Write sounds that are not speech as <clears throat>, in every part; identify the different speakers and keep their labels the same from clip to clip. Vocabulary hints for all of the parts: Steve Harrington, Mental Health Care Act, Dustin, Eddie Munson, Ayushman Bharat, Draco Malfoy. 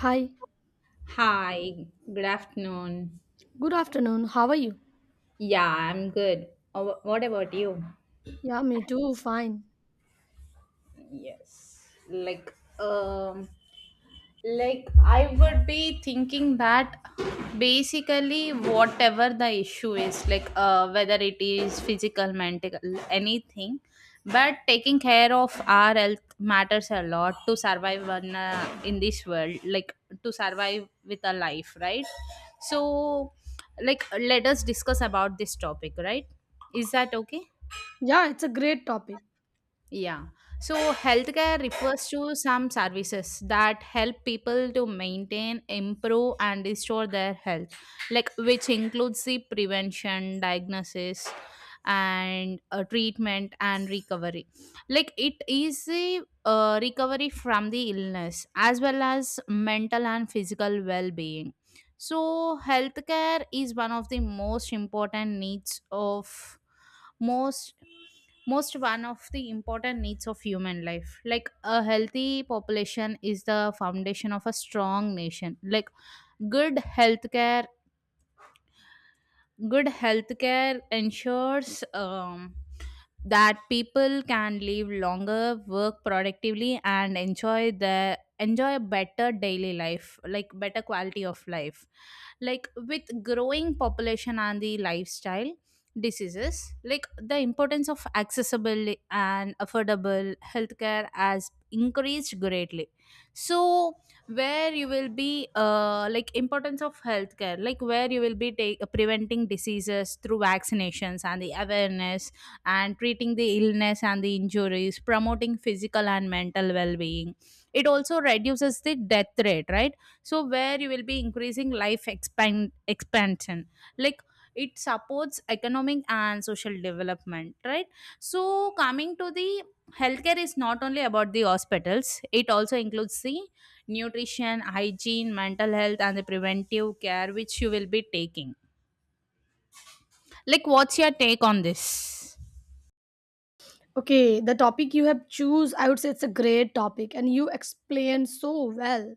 Speaker 1: Hi,
Speaker 2: Hi, good afternoon.
Speaker 1: good afternoon. How are you?
Speaker 2: Yeah, I'm good. What about you?
Speaker 1: Yeah, me too. Fine.
Speaker 2: Yes. Um, Like, I would be thinking that basically, whatever the issue is, like whether it is physical, mental, anything, but taking care of our health matters a lot to survive in in this world, like to survive with a life, right? So, like, let us discuss about this topic, right? Is that okay?
Speaker 1: Yeah, it's a great topic.
Speaker 2: Yeah. So healthcare refers to some services that help people to maintain, improve, and restore their health, like which includes the prevention, diagnosis, and treatment and recovery. Like it is the recovery from the illness as well as mental and physical well-being. So healthcare is one of the most important needs of most most one of the important needs of human life, like a healthy population is the foundation of a strong nation. Like good healthcare Good healthcare ensures that people can live longer, work productively, and enjoy a better daily life, like better quality of life. Like with growing population and the lifestyle diseases, like the importance of accessible and affordable healthcare has increased greatly. So where you will be like importance of healthcare, like where you will be take, preventing diseases through vaccinations and the awareness, and treating the illness and the injuries, promoting physical and mental well-being. It also reduces the death rate, right? So where you will be increasing life expand expansion, like it supports economic and social development, right? So coming to the healthcare, is not only about the hospitals, it also includes the nutrition, hygiene, mental health, and the preventive care which you will be taking. Like, what's your take on this?
Speaker 1: Okay, the topic you have choose, I would say it's a great topic, and you explained so well.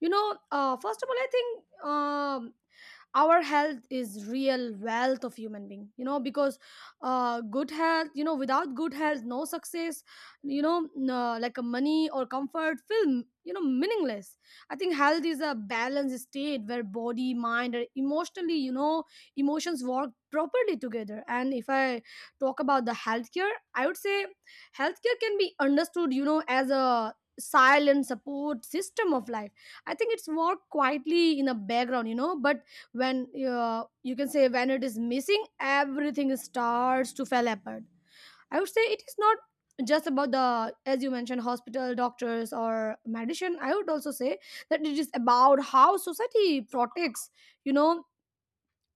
Speaker 1: You know, first of all, I think our health is real wealth of human being. You know, because good health, you know, without good health, no success. You know, like a money or comfort feel, you know, meaningless. I think health is a balanced state where body, mind, and emotionally, you know, emotions work properly together. And if I talk about the healthcare, I would say healthcare can be understood, you know, as a silent support system of life. I think it's worked quietly in the background, you know, but when you can say when it is missing, everything starts to fall apart. I would say it is not just about the, as you mentioned, hospital doctors or medicine. I would also say that it is about how society protects, you know,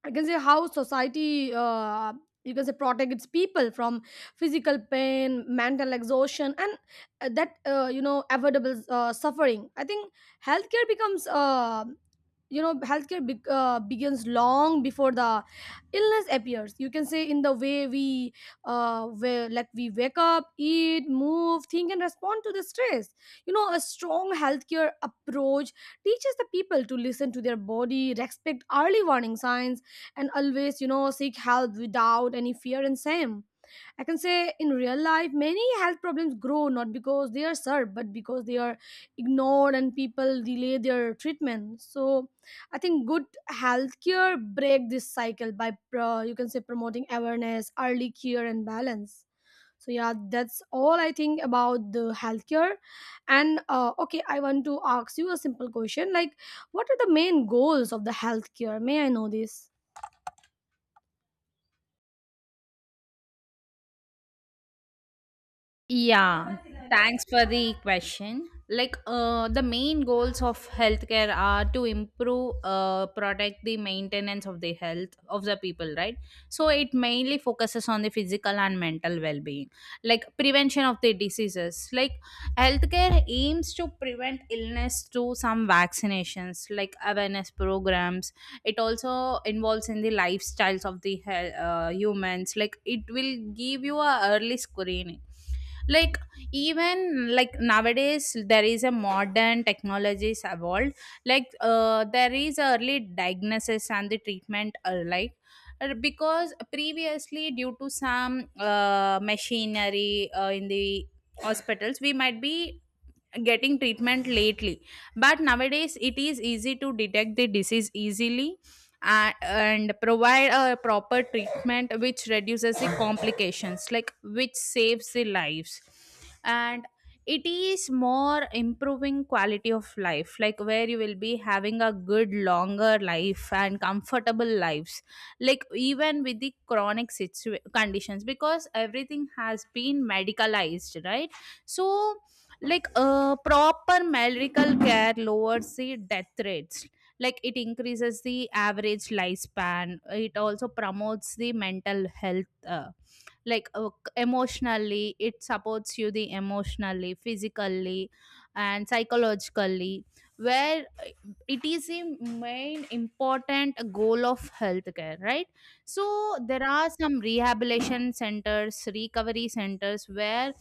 Speaker 1: I can say how society, you can say, protect its people from physical pain, mental exhaustion, and that you know, avoidable suffering. I think healthcare becomes, you know, healthcare begins long before the illness appears. You can say in the way we, like, we wake up, eat, move, think, and respond to the stress. You know, a strong healthcare approach teaches the people to listen to their body, respect early warning signs, and always, you know, seek help without any fear and shame. I can say in real life many health problems grow not because they are served but because they are ignored and people delay their treatment. So I think good healthcare break this cycle by pro you can say promoting awareness, early care, and balance. So yeah, that's all I think about the healthcare. And okay, I want to ask you a simple question, like, what are the main goals of the healthcare? May I know this?
Speaker 2: Yeah, thanks for the question. Like, the main goals of healthcare are to improve, protect the maintenance of the health of the people, right? So it mainly focuses on the physical and mental well-being, like prevention of the diseases. Like, healthcare aims to prevent illness through some vaccinations, like awareness programs. It also involves in the lifestyles of the humans. Like, it will give you a early screening. Like even like nowadays there is a modern technologies evolved, like there is early diagnosis and the treatment alike. Because previously due to some machinery in the hospitals we might be getting treatment lately, but nowadays it is easy to detect the disease easily, and provide a proper treatment which reduces the complications, like which saves the lives, and it is more improving quality of life, like where you will be having a good longer life and comfortable lives, like even with the conditions, because everything has been medicalized, right? So like proper medical care lowers the death rates, like it increases the average lifespan. It also promotes the mental health, like emotionally, it supports you the emotionally, physically, and psychologically, where it is the main important goal of healthcare, right? So there are some rehabilitation centers, recovery centers, where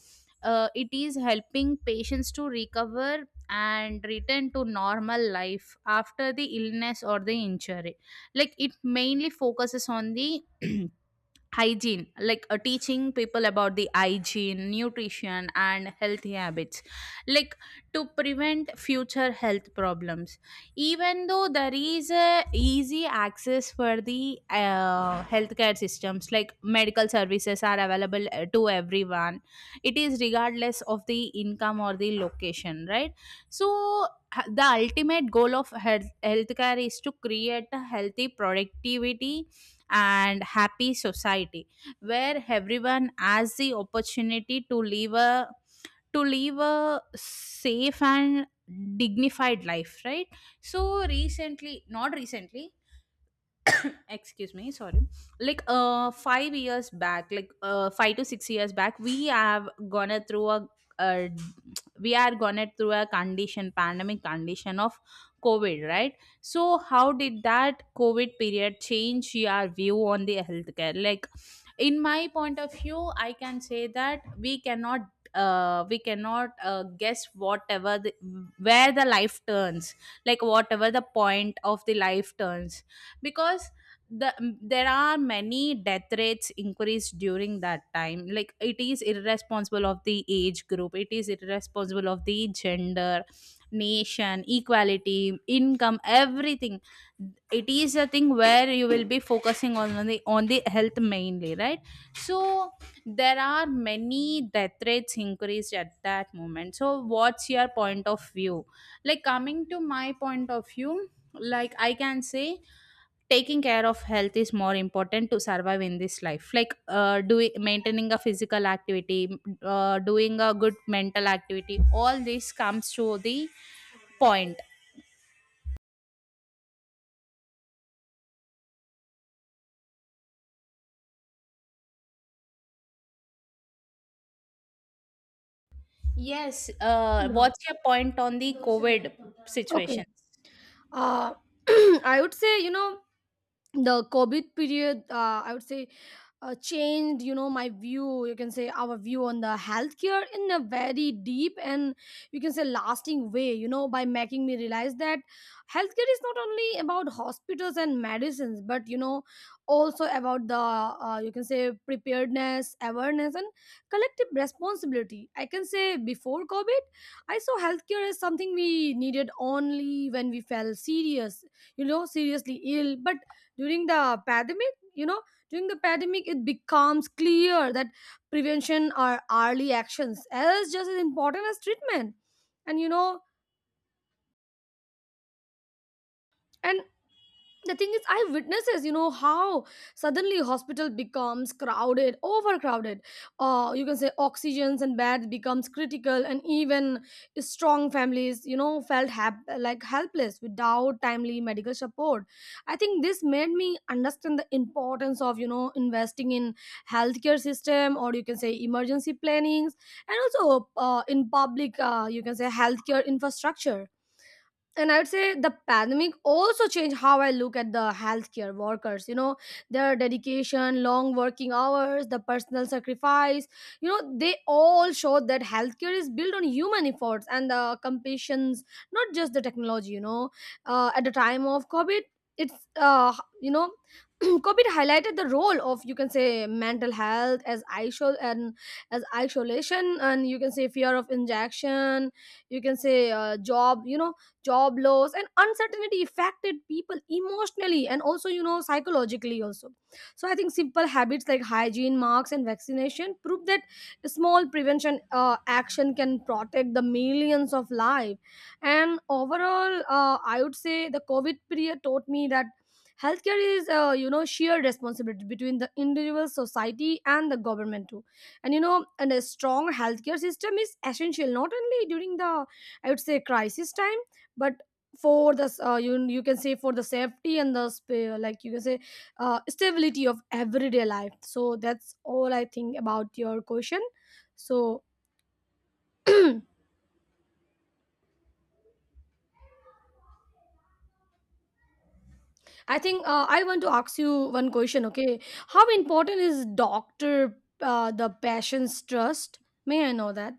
Speaker 2: it is helping patients to recover and return to normal life after the illness or the injury. Like it mainly focuses on the <clears throat> hygiene, like teaching people about the hygiene, nutrition, and healthy habits, like to prevent future health problems. Even though there is a easy access for the healthcare systems, like medical services are available to everyone, it is regardless of the income or the location, right? So the ultimate goal of healthcare is to create a healthy productivity and happy society, where everyone has the opportunity to live a safe and dignified life, right? So recently, not recently, excuse me, sorry, like 5 years back, like 5 to 6 years back, we have gone through a uh, we are gone through a condition, pandemic condition of COVID, right? So how did that COVID period change your view on the healthcare? Like, in my point of view, I can say that we cannot, we cannot guess whatever the, where the life turns, like whatever the point of the life turns. Because the there are many death rates increased during that time, like it is irresponsible of the age group, it is irresponsible of the gender, nation, equality, income, everything. It is a thing where you will be focusing on the health mainly, right? So there are many death rates increased at that moment, so what's your point of view? Like coming to my point of view, like I can say taking care of health is more important to survive in this life, like doing, maintaining a physical activity, doing a good mental activity, all this comes to the point. Yes,
Speaker 1: Yeah.
Speaker 2: what's your point on the COVID
Speaker 1: Okay.
Speaker 2: situation?
Speaker 1: Uh, <clears throat> I would say, you know, the covid period, I would say, changed, you know, my view, you can say our view, on the healthcare in a very deep and, you can say, lasting way, you know, by making me realize that healthcare is not only about hospitals and medicines but, you know, also about the, you can say, preparedness, awareness, and collective responsibility. I can say before covid I saw healthcare as something we needed only when we fell serious, you know, seriously ill. But during the pandemic, you know, during the pandemic, it becomes clear that prevention or early actions is just as important as treatment. And you know, and the thing is, I witnesses, you know, how suddenly hospital becomes crowded, overcrowded, you can say oxygens and beds becomes critical, and even strong families, you know, felt helpless without timely medical support. I think this made me understand the importance of, you know, investing in healthcare system, or you can say emergency plannings, and also in public, you can say, healthcare infrastructure. And I would say the pandemic also changed how I look at the healthcare workers, you know, their dedication, long working hours, the personal sacrifice. You know, they all showed that healthcare is built on human efforts and the compassions, not just the technology, you know. At the time of covid, it's, you know, <clears throat> covid highlighted the role of, you can say, mental health as isol and as isolation, and you can say fear of injection, you can say, job, you know, job loss, and uncertainty affected people emotionally and also, you know, psychologically also. So I think simple habits like hygiene, marks, and vaccination prove that small prevention action can protect the millions of lives. And overall, I would say the covid period taught me that healthcare is, you know, shared responsibility between the individual, society, and the government too. And you know, and a strong healthcare system is essential not only during the, I would say, crisis time, but for the, you, you can say, for the safety and the, like you can say, stability of everyday life. So that's all I think about your question. So I think, I want to ask you one question, okay? How important is doctor, the patient's trust? May I know that?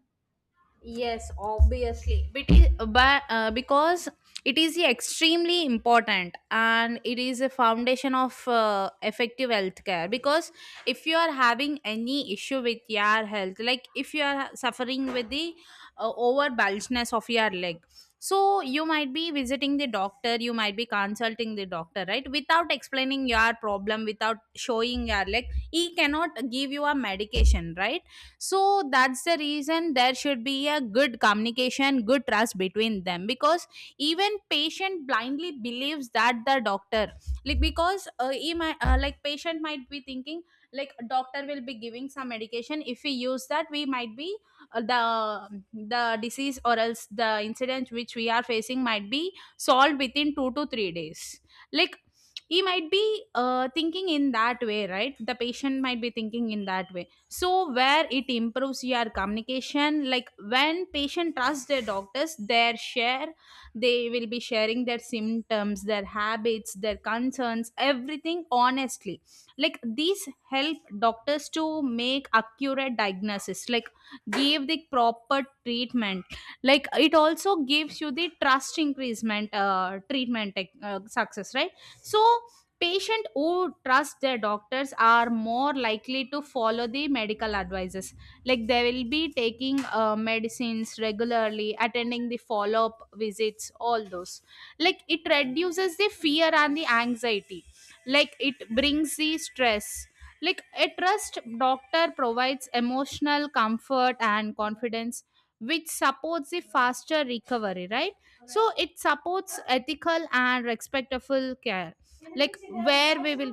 Speaker 2: Yes, obviously. But, because it is extremely important and it is a foundation of effective healthcare. Because if you are having any issue with your health, like if you are suffering with the over bulgeness of your leg, so you might be visiting the doctor, you might be consulting the doctor, right? Without explaining your problem, without showing your leg, he cannot give you a medication, right? So that's the reason there should be a good communication, good trust between them, because even patient blindly believes that the doctor, like because he might, like patient might be thinking, like doctor will be giving some medication, if we use that we might be the disease or else the incident which we are facing might be solved within 2 to 3 days. Like he might be thinking in that way, right? The patient might be thinking in that way. So where it improves your communication, like when patient trusts their doctors, their share, they will be sharing their symptoms, their habits, their concerns, everything honestly. Like these help doctors to make accurate diagnosis, like give the proper treatment. Like it also gives you the trust increasement, treatment success, right? So patients who trust their doctors are more likely to follow the medical advices. Like they will be taking medicines regularly, attending the follow up visits, all those. Like it reduces the fear and the anxiety. Like it brings the stress. Like a trust doctor provides emotional comfort and confidence, which supports the faster recovery, right? So it supports ethical and respectful care, like where we will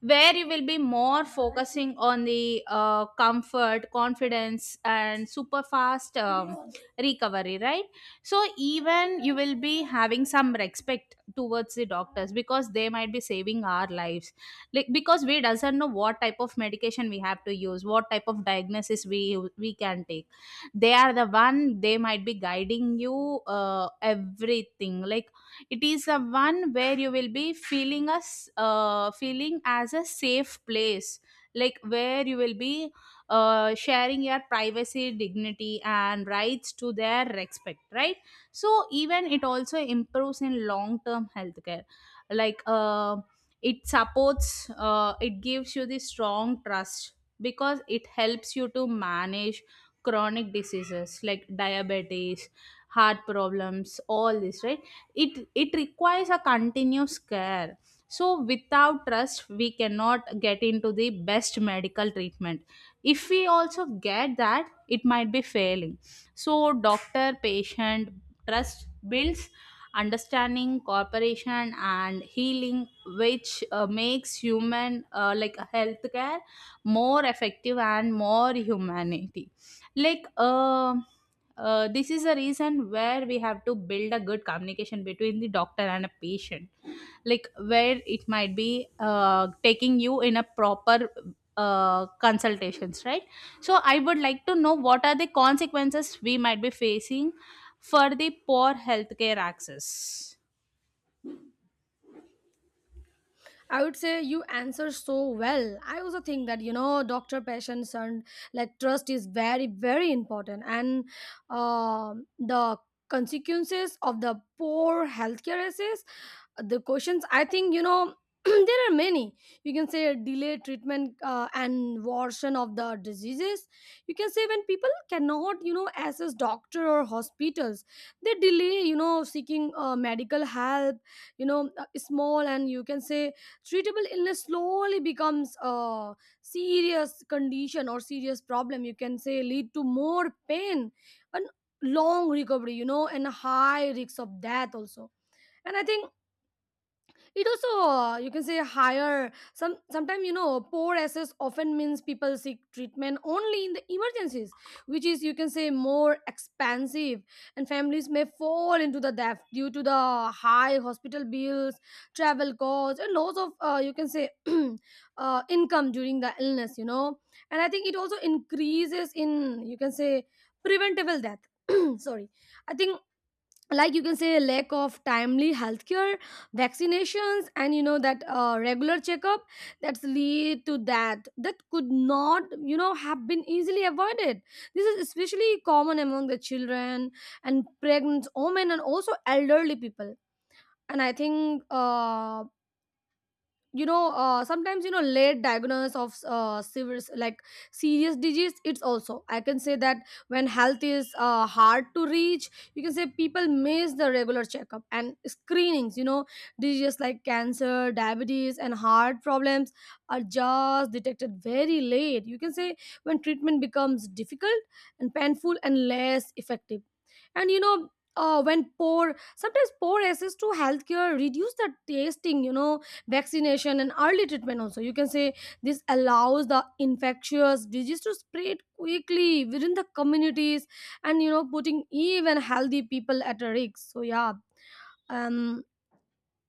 Speaker 2: where you will be more focusing on the comfort, confidence, and super fast recovery, right? So even you will be having some respect towards the doctors, because they might be saving our lives, like because we doesn't know what type of medication we have to use, what type of diagnosis we can take. They are the one, they might be guiding you everything. Like it is a one where you will be feeling as a safe place, like where you will be sharing your privacy, dignity, and rights to their respect, right? So even it also improves in long term healthcare, like it supports it gives you the strong trust, because it helps you to manage chronic diseases like diabetes, heart problems, all this, right? It requires a continuous care. So without trust we cannot get into the best medical treatment, if we also get that it might be failing. So doctor patient trust builds understanding, cooperation, and healing, which makes human like healthcare more effective and more humanity. like uh, this is a reason where we have to build a good communication between the doctor and a patient, like where it might be taking you in a proper consultations, right? So I would like to know what are the consequences we might be facing for the poor healthcare access?
Speaker 1: I would say you answer so well. I also think that, you know, doctor, patients, and like, trust is very very important. And, um, the consequences of the poor healthcare access, the questions, I think, you know, <clears throat> there are many, you can say, delay treatment and worsen of the diseases. You can say when people cannot, you know, access doctor or hospitals, they delay, you know, seeking medical help, you know. Small and, you can say, treatable illness slowly becomes a serious condition or serious problem, you can say, lead to more pain and long recovery, you know, and high risk of death also. And I think it also, you can say, higher, some, sometimes, you know, poor access often means people seek treatment only in the emergencies, which is, you can say, more expensive, and families may fall into the debt due to the high hospital bills, travel costs, and loss of, you can say, <clears throat> income during the illness, you know. And I think it also increases in, you can say, preventable death. <clears throat> Sorry. I think, like, you can say, lack of timely healthcare, vaccinations, and, you know, that regular checkup, that's lead to that, that could not, you know, have been easily avoided. This is especially common among the children, and pregnant women, and also elderly people. And I think, you know, sometimes, you know, late diagnosis of, serious disease, it's also, I can say that when health is, hard to reach, you can say people miss the regular checkup and screenings, you know, diseases like cancer, diabetes, and heart problems are just detected very late, you can say, when treatment becomes difficult and painful and less effective. And you know, when poor, sometimes poor access to healthcare reduce the testing, you know, vaccination, and early treatment also, you can say, this allows the infectious disease to spread quickly within the communities and, you know, putting even healthy people at a risk. So yeah, um,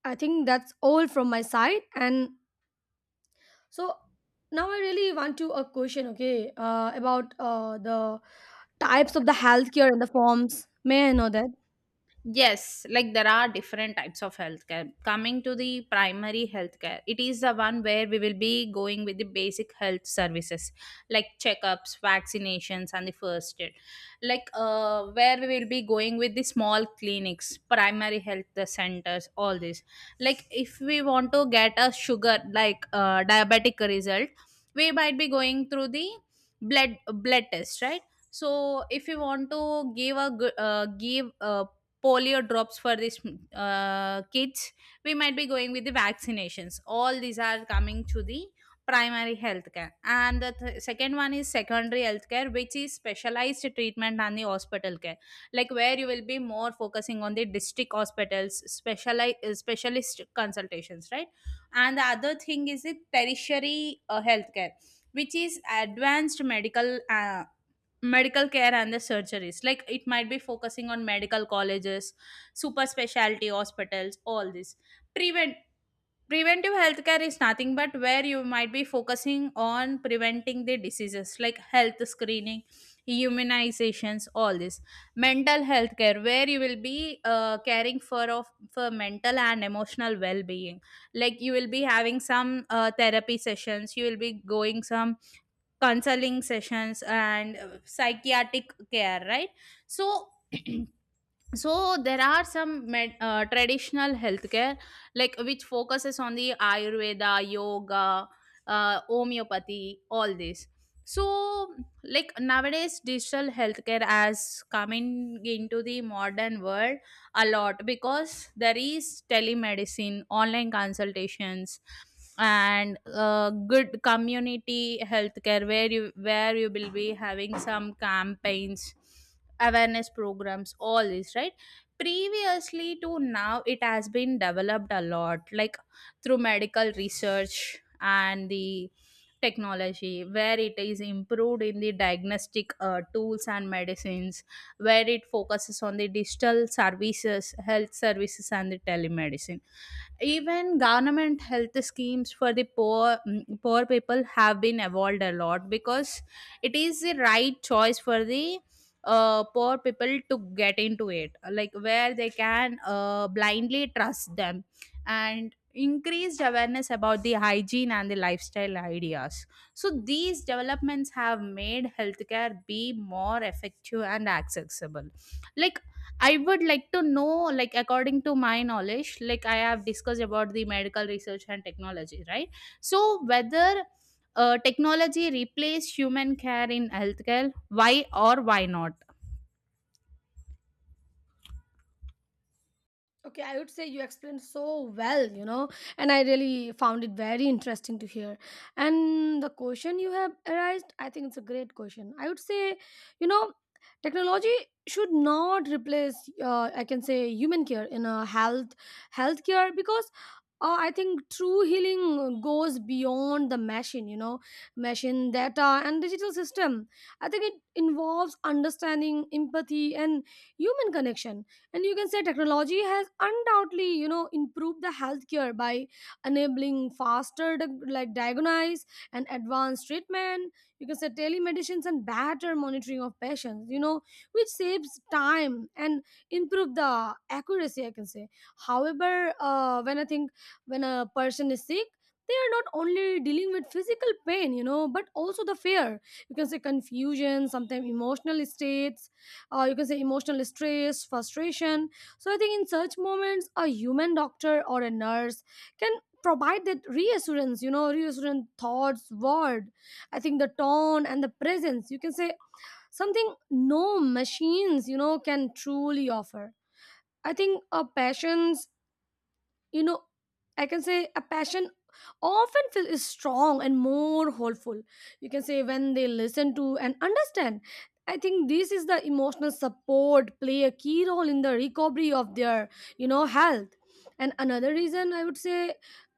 Speaker 1: I think that's all from my side. And so now I really want to a question, okay, about, the types of the healthcare and the forms. May I know that?
Speaker 2: Yes, like there are different types of healthcare. Coming to the primary healthcare, it is the one where we will be going with the basic health services like checkups, vaccinations, and the first aid. Like where we will be going with the small clinics, primary health the centers, all this. Like if we want to get a sugar like diabetic result, we might be going through the blood test, right? So if you want to give a good give a polio drops for these kids, we might be going with the vaccinations. All these are coming to the primary healthcare. And the second one is secondary healthcare, which is specialized treatment and the hospital care, like where you will be more focusing on the district hospitals, specialized specialist consultations, right? And the other thing is the tertiary healthcare, which is advanced medical medical care and the surgeries, like it might be focusing on medical colleges, super specialty hospitals, all this. prevent Preventive healthcare is nothing but where you might be focusing on preventing the diseases, like health screening, immunizations, all this. Mental health care, where you will be caring for mental and emotional well-being, like you will be having some therapy sessions, you will be going some counseling sessions and psychiatric care, right? So <clears throat> so there are some traditional healthcare, like which focuses on the ayurveda, yoga, homeopathy, all this. So like nowadays digital healthcare has coming into the modern world a lot, because there is telemedicine, online consultations, and good community healthcare where you will be having some campaigns, awareness programs, all this, right? Previously to now, it has been developed a lot, like through medical research and the technology, where it is improved in the diagnostic tools and medicines, where it focuses on the digital services, health services and the telemedicine. Even government health schemes for the poor people have been evolved a lot, because it is the right choice for the poor people to get into it, like where they can blindly trust them. And increased awareness about the hygiene and the lifestyle ideas, so these developments have made healthcare be more effective and accessible. Like I would like to know, like, according to my knowledge, like, I have discussed about the medical research and technology, right? So, whether technology replace human care in healthcare, why or why not?
Speaker 1: Okay, I would say you explained so well, you know, and I really found it very interesting to hear. And the question you have raised, I think it's a great question. I would say, you know, technology should not replace, I can say, human care in a healthcare, because I think true healing goes beyond the machine, you know, machine data and digital system. I think it involves understanding, empathy, and human connection. And you can say technology has undoubtedly, you know, improved the healthcare by enabling faster diagnosis and advanced treatment, you can say telemedicines and better monitoring of patients, you know, which saves time and improve the accuracy, I can say. However, when I think, when a person is sick, they are not only dealing with physical pain, you know, but also the fear, you can say confusion, sometimes emotional states, you can say, emotional stress, frustration. So I think in such moments, a human doctor or a nurse can provide that reassurance, you know, reassurance thoughts, word. I think the tone and the presence, you can say, something no machines, you know, can truly offer. I think a patient's, you know, I can say a passion, often feel is strong and more hopeful, you can say, when they listen to and understand. I think this is the emotional support play a key role in the recovery of their, you know, health. And another reason, I would say,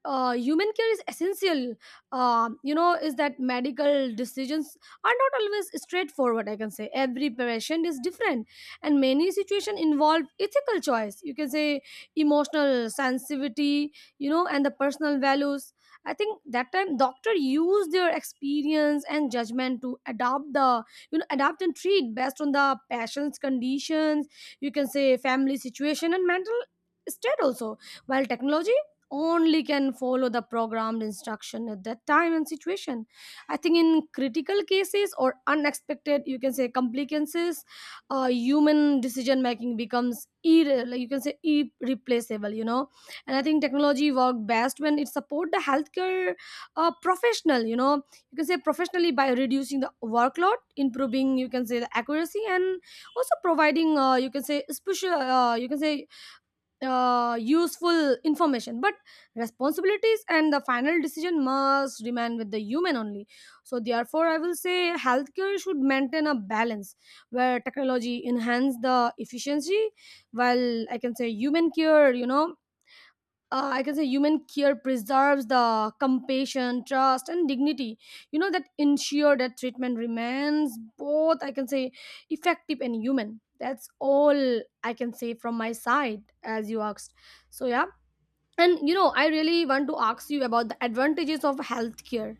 Speaker 1: human care is essential, you know, is that medical decisions are not always straightforward. I can say every patient is different, and many situations involve ethical choice, you can say emotional sensitivity, you know, and the personal values. I think that time doctor used their experience and judgment to adapt the, you know, adapt and treat based on the patient's conditions, you can say family situation and mental state also, while technology only can follow the programmed instruction at that time and situation. I think in critical cases or unexpected, you can say, complications, human decision making becomes you can say irreplaceable, you know. And I think technology work best when it support the healthcare professional, you know, you can say professionally, by reducing the workload, improving, you can say, the accuracy, and also providing, you can say, special, you can say, useful information. But responsibilities and the final decision must remain with the human only. So therefore I will say healthcare should maintain a balance where technology enhance the efficiency, while, I can say, human care, you know, I can say human care preserves the compassion, trust, and dignity. You know that ensure that treatment remains both, I can say, effective and human. That's all I can say from my side, as you asked. So yeah, and you know, I really want to ask you about the advantages of healthcare.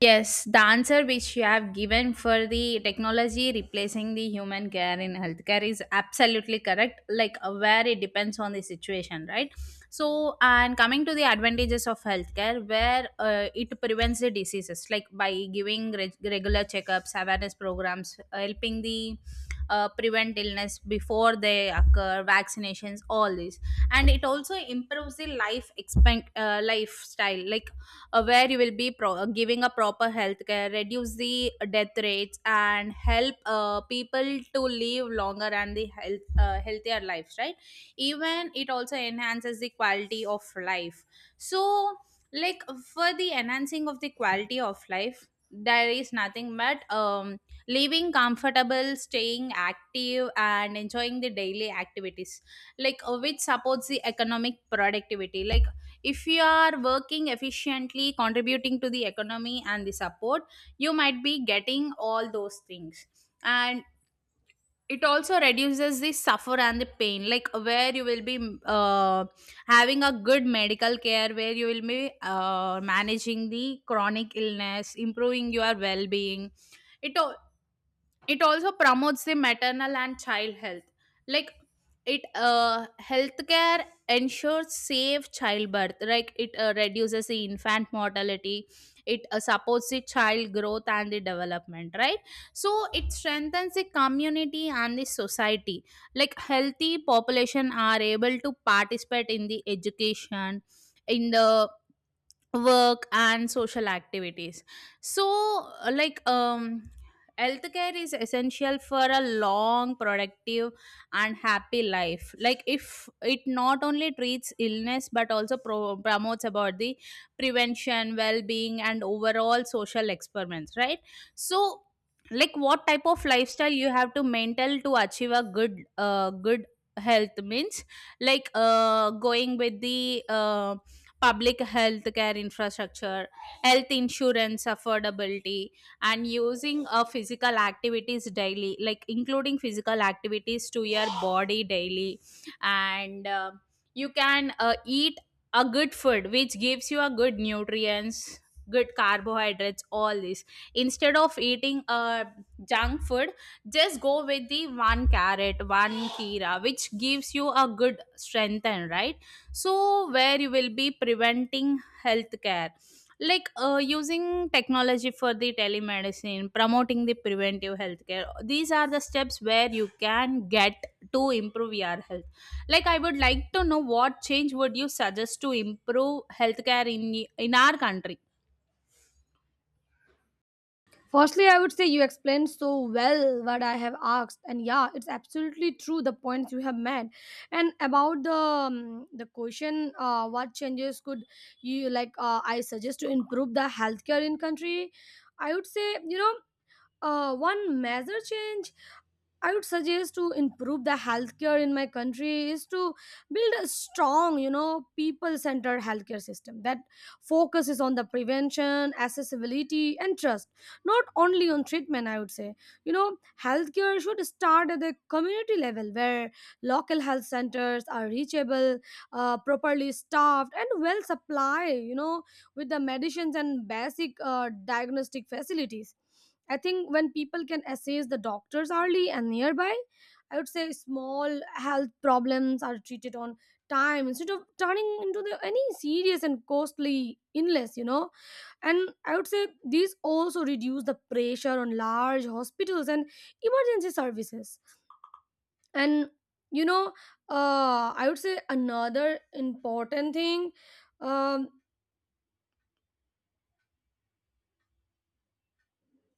Speaker 2: Yes, the answer which you have given for the technology replacing the human care in healthcare is absolutely correct, like where it depends on the situation, right? So, and coming to the advantages of healthcare, where it prevents the diseases, like by giving regular checkups, awareness programs, helping the prevent illness before they occur, vaccinations, all this, and it also improves the lifestyle, like where you will be giving a proper health care, reduce the death rates and help people to live longer and the healthier lives, right? Even it also enhances the quality of life. So like for the enhancing of the quality of life, there is nothing but living comfortable, staying active and enjoying the daily activities, like which supports the economic productivity, like if you are working efficiently, contributing to the economy and the support, you might be getting all those things. And it also reduces the suffer and the pain, like where you will be uh, having a good medical care, where you will be managing the chronic illness, improving your well-being. It it also promotes the maternal and child health, like it healthcare ensures safe childbirth, like it reduces the infant mortality, it supports the child growth and the development, right? So it strengthens the community and the society, like healthy population are able to participate in the education, in the work and social activities. So uh, like um healthcare is essential for a long, productive and happy life, like if it not only treats illness, but also promotes about the prevention, well-being and overall social experiments, right? So like what type of lifestyle you have to maintain to achieve a good health means, like going with the public health care infrastructure, health insurance affordability, and using physical activities daily, like including physical activities to your body daily. And you can eat a good food, which gives you a good nutrients, good carbohydrates, all this, instead of eating junk food. Just go with the one carrot, one kira, which gives you a good strength and right. So where you will be preventing healthcare, like using technology for the telemedicine, promoting the preventive healthcare, these are the steps where you can get to improve your health. Like I would like to know what change would you suggest to improve healthcare in our country.
Speaker 1: Firstly, I would say you explained so well what I have asked, and yeah, it's absolutely true the points you have made. And about the, the question, what changes could you like? I suggest to improve the healthcare in country. I would say, you know, one major change I would suggest to improve the healthcare in my country is to build a strong, you know, people-centered healthcare system that focuses on the prevention, accessibility, and trust, not only on treatment. I would say, you know, healthcare should start at the community level where local health centers are reachable, properly staffed, and well supplied. You know, with the medicines and basic diagnostic facilities. I think when people can assess the doctors early and nearby, I would say small health problems are treated on time instead of turning into the, any serious and costly illness, you know. And I would say these also reduce the pressure on large hospitals and emergency services. And you know, I would say another important thing. Um,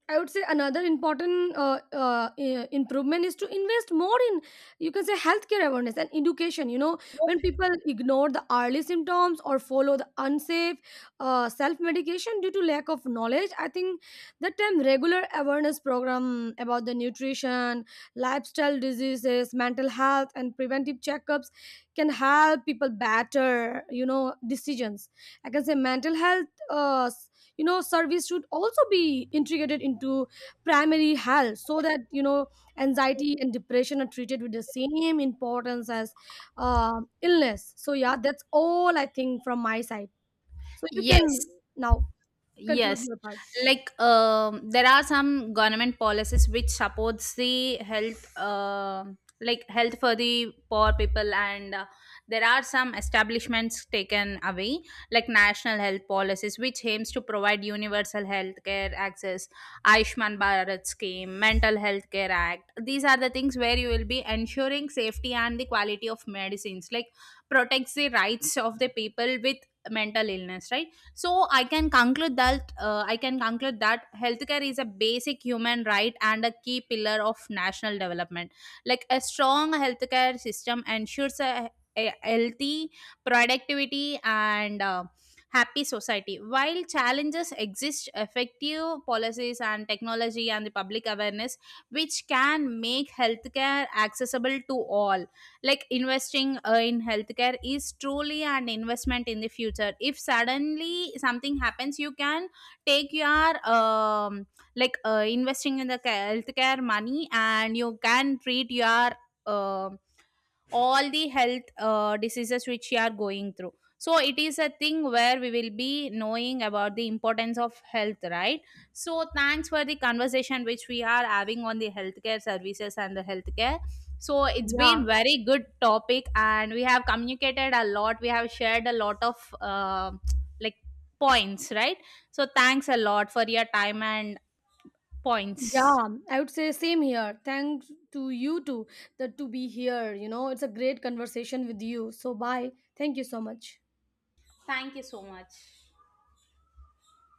Speaker 1: I would say another important improvement is to invest more in, you can say, healthcare awareness and education. You know, when people ignore the early symptoms or follow the unsafe self medication due to lack of knowledge, I think that time regular awareness program about the nutrition, lifestyle diseases, mental health, and preventive checkups can help people better, you know, decisions. I can say mental health. You know, service should also be integrated into primary health, so that, you know, anxiety and depression are treated with the same importance as illness. So yeah, that's all I think from my side. So you can
Speaker 2: Yes.
Speaker 1: now conclude
Speaker 2: Yes,
Speaker 1: your part.
Speaker 2: like um, there are some government policies which supports the health, like health for the poor people, and there are some establishments taken away, like national health policies, which aims to provide universal health care access, Ayushman Bharat scheme, Mental Health Care Act. These are the things where you will be ensuring safety and the quality of medicines, like protects the rights of the people with mental illness, right? So I can conclude that healthcare is a basic human right and a key pillar of national development, like a strong healthcare system ensures a healthy productivity and happy society. While challenges exist, effective policies and technology and the public awareness which can make healthcare accessible to all, like investing in healthcare is truly an investment in the future. If suddenly something happens, you can take your investing in the healthcare money, and you can treat your um all the health diseases which you are going through. So it is a thing where we will be knowing about the importance of health, right? So thanks for the conversation which we are having on the healthcare services and the healthcare. So it's
Speaker 1: Yeah.
Speaker 2: been very good topic, and we have communicated a lot, we have shared a lot of like points, right? So thanks a lot for your time and points.
Speaker 1: Yeah, I would say same here. Thanks to you too, that to be here, you know. It's a great conversation with you. So bye, thank you so much.
Speaker 2: Thank you so much.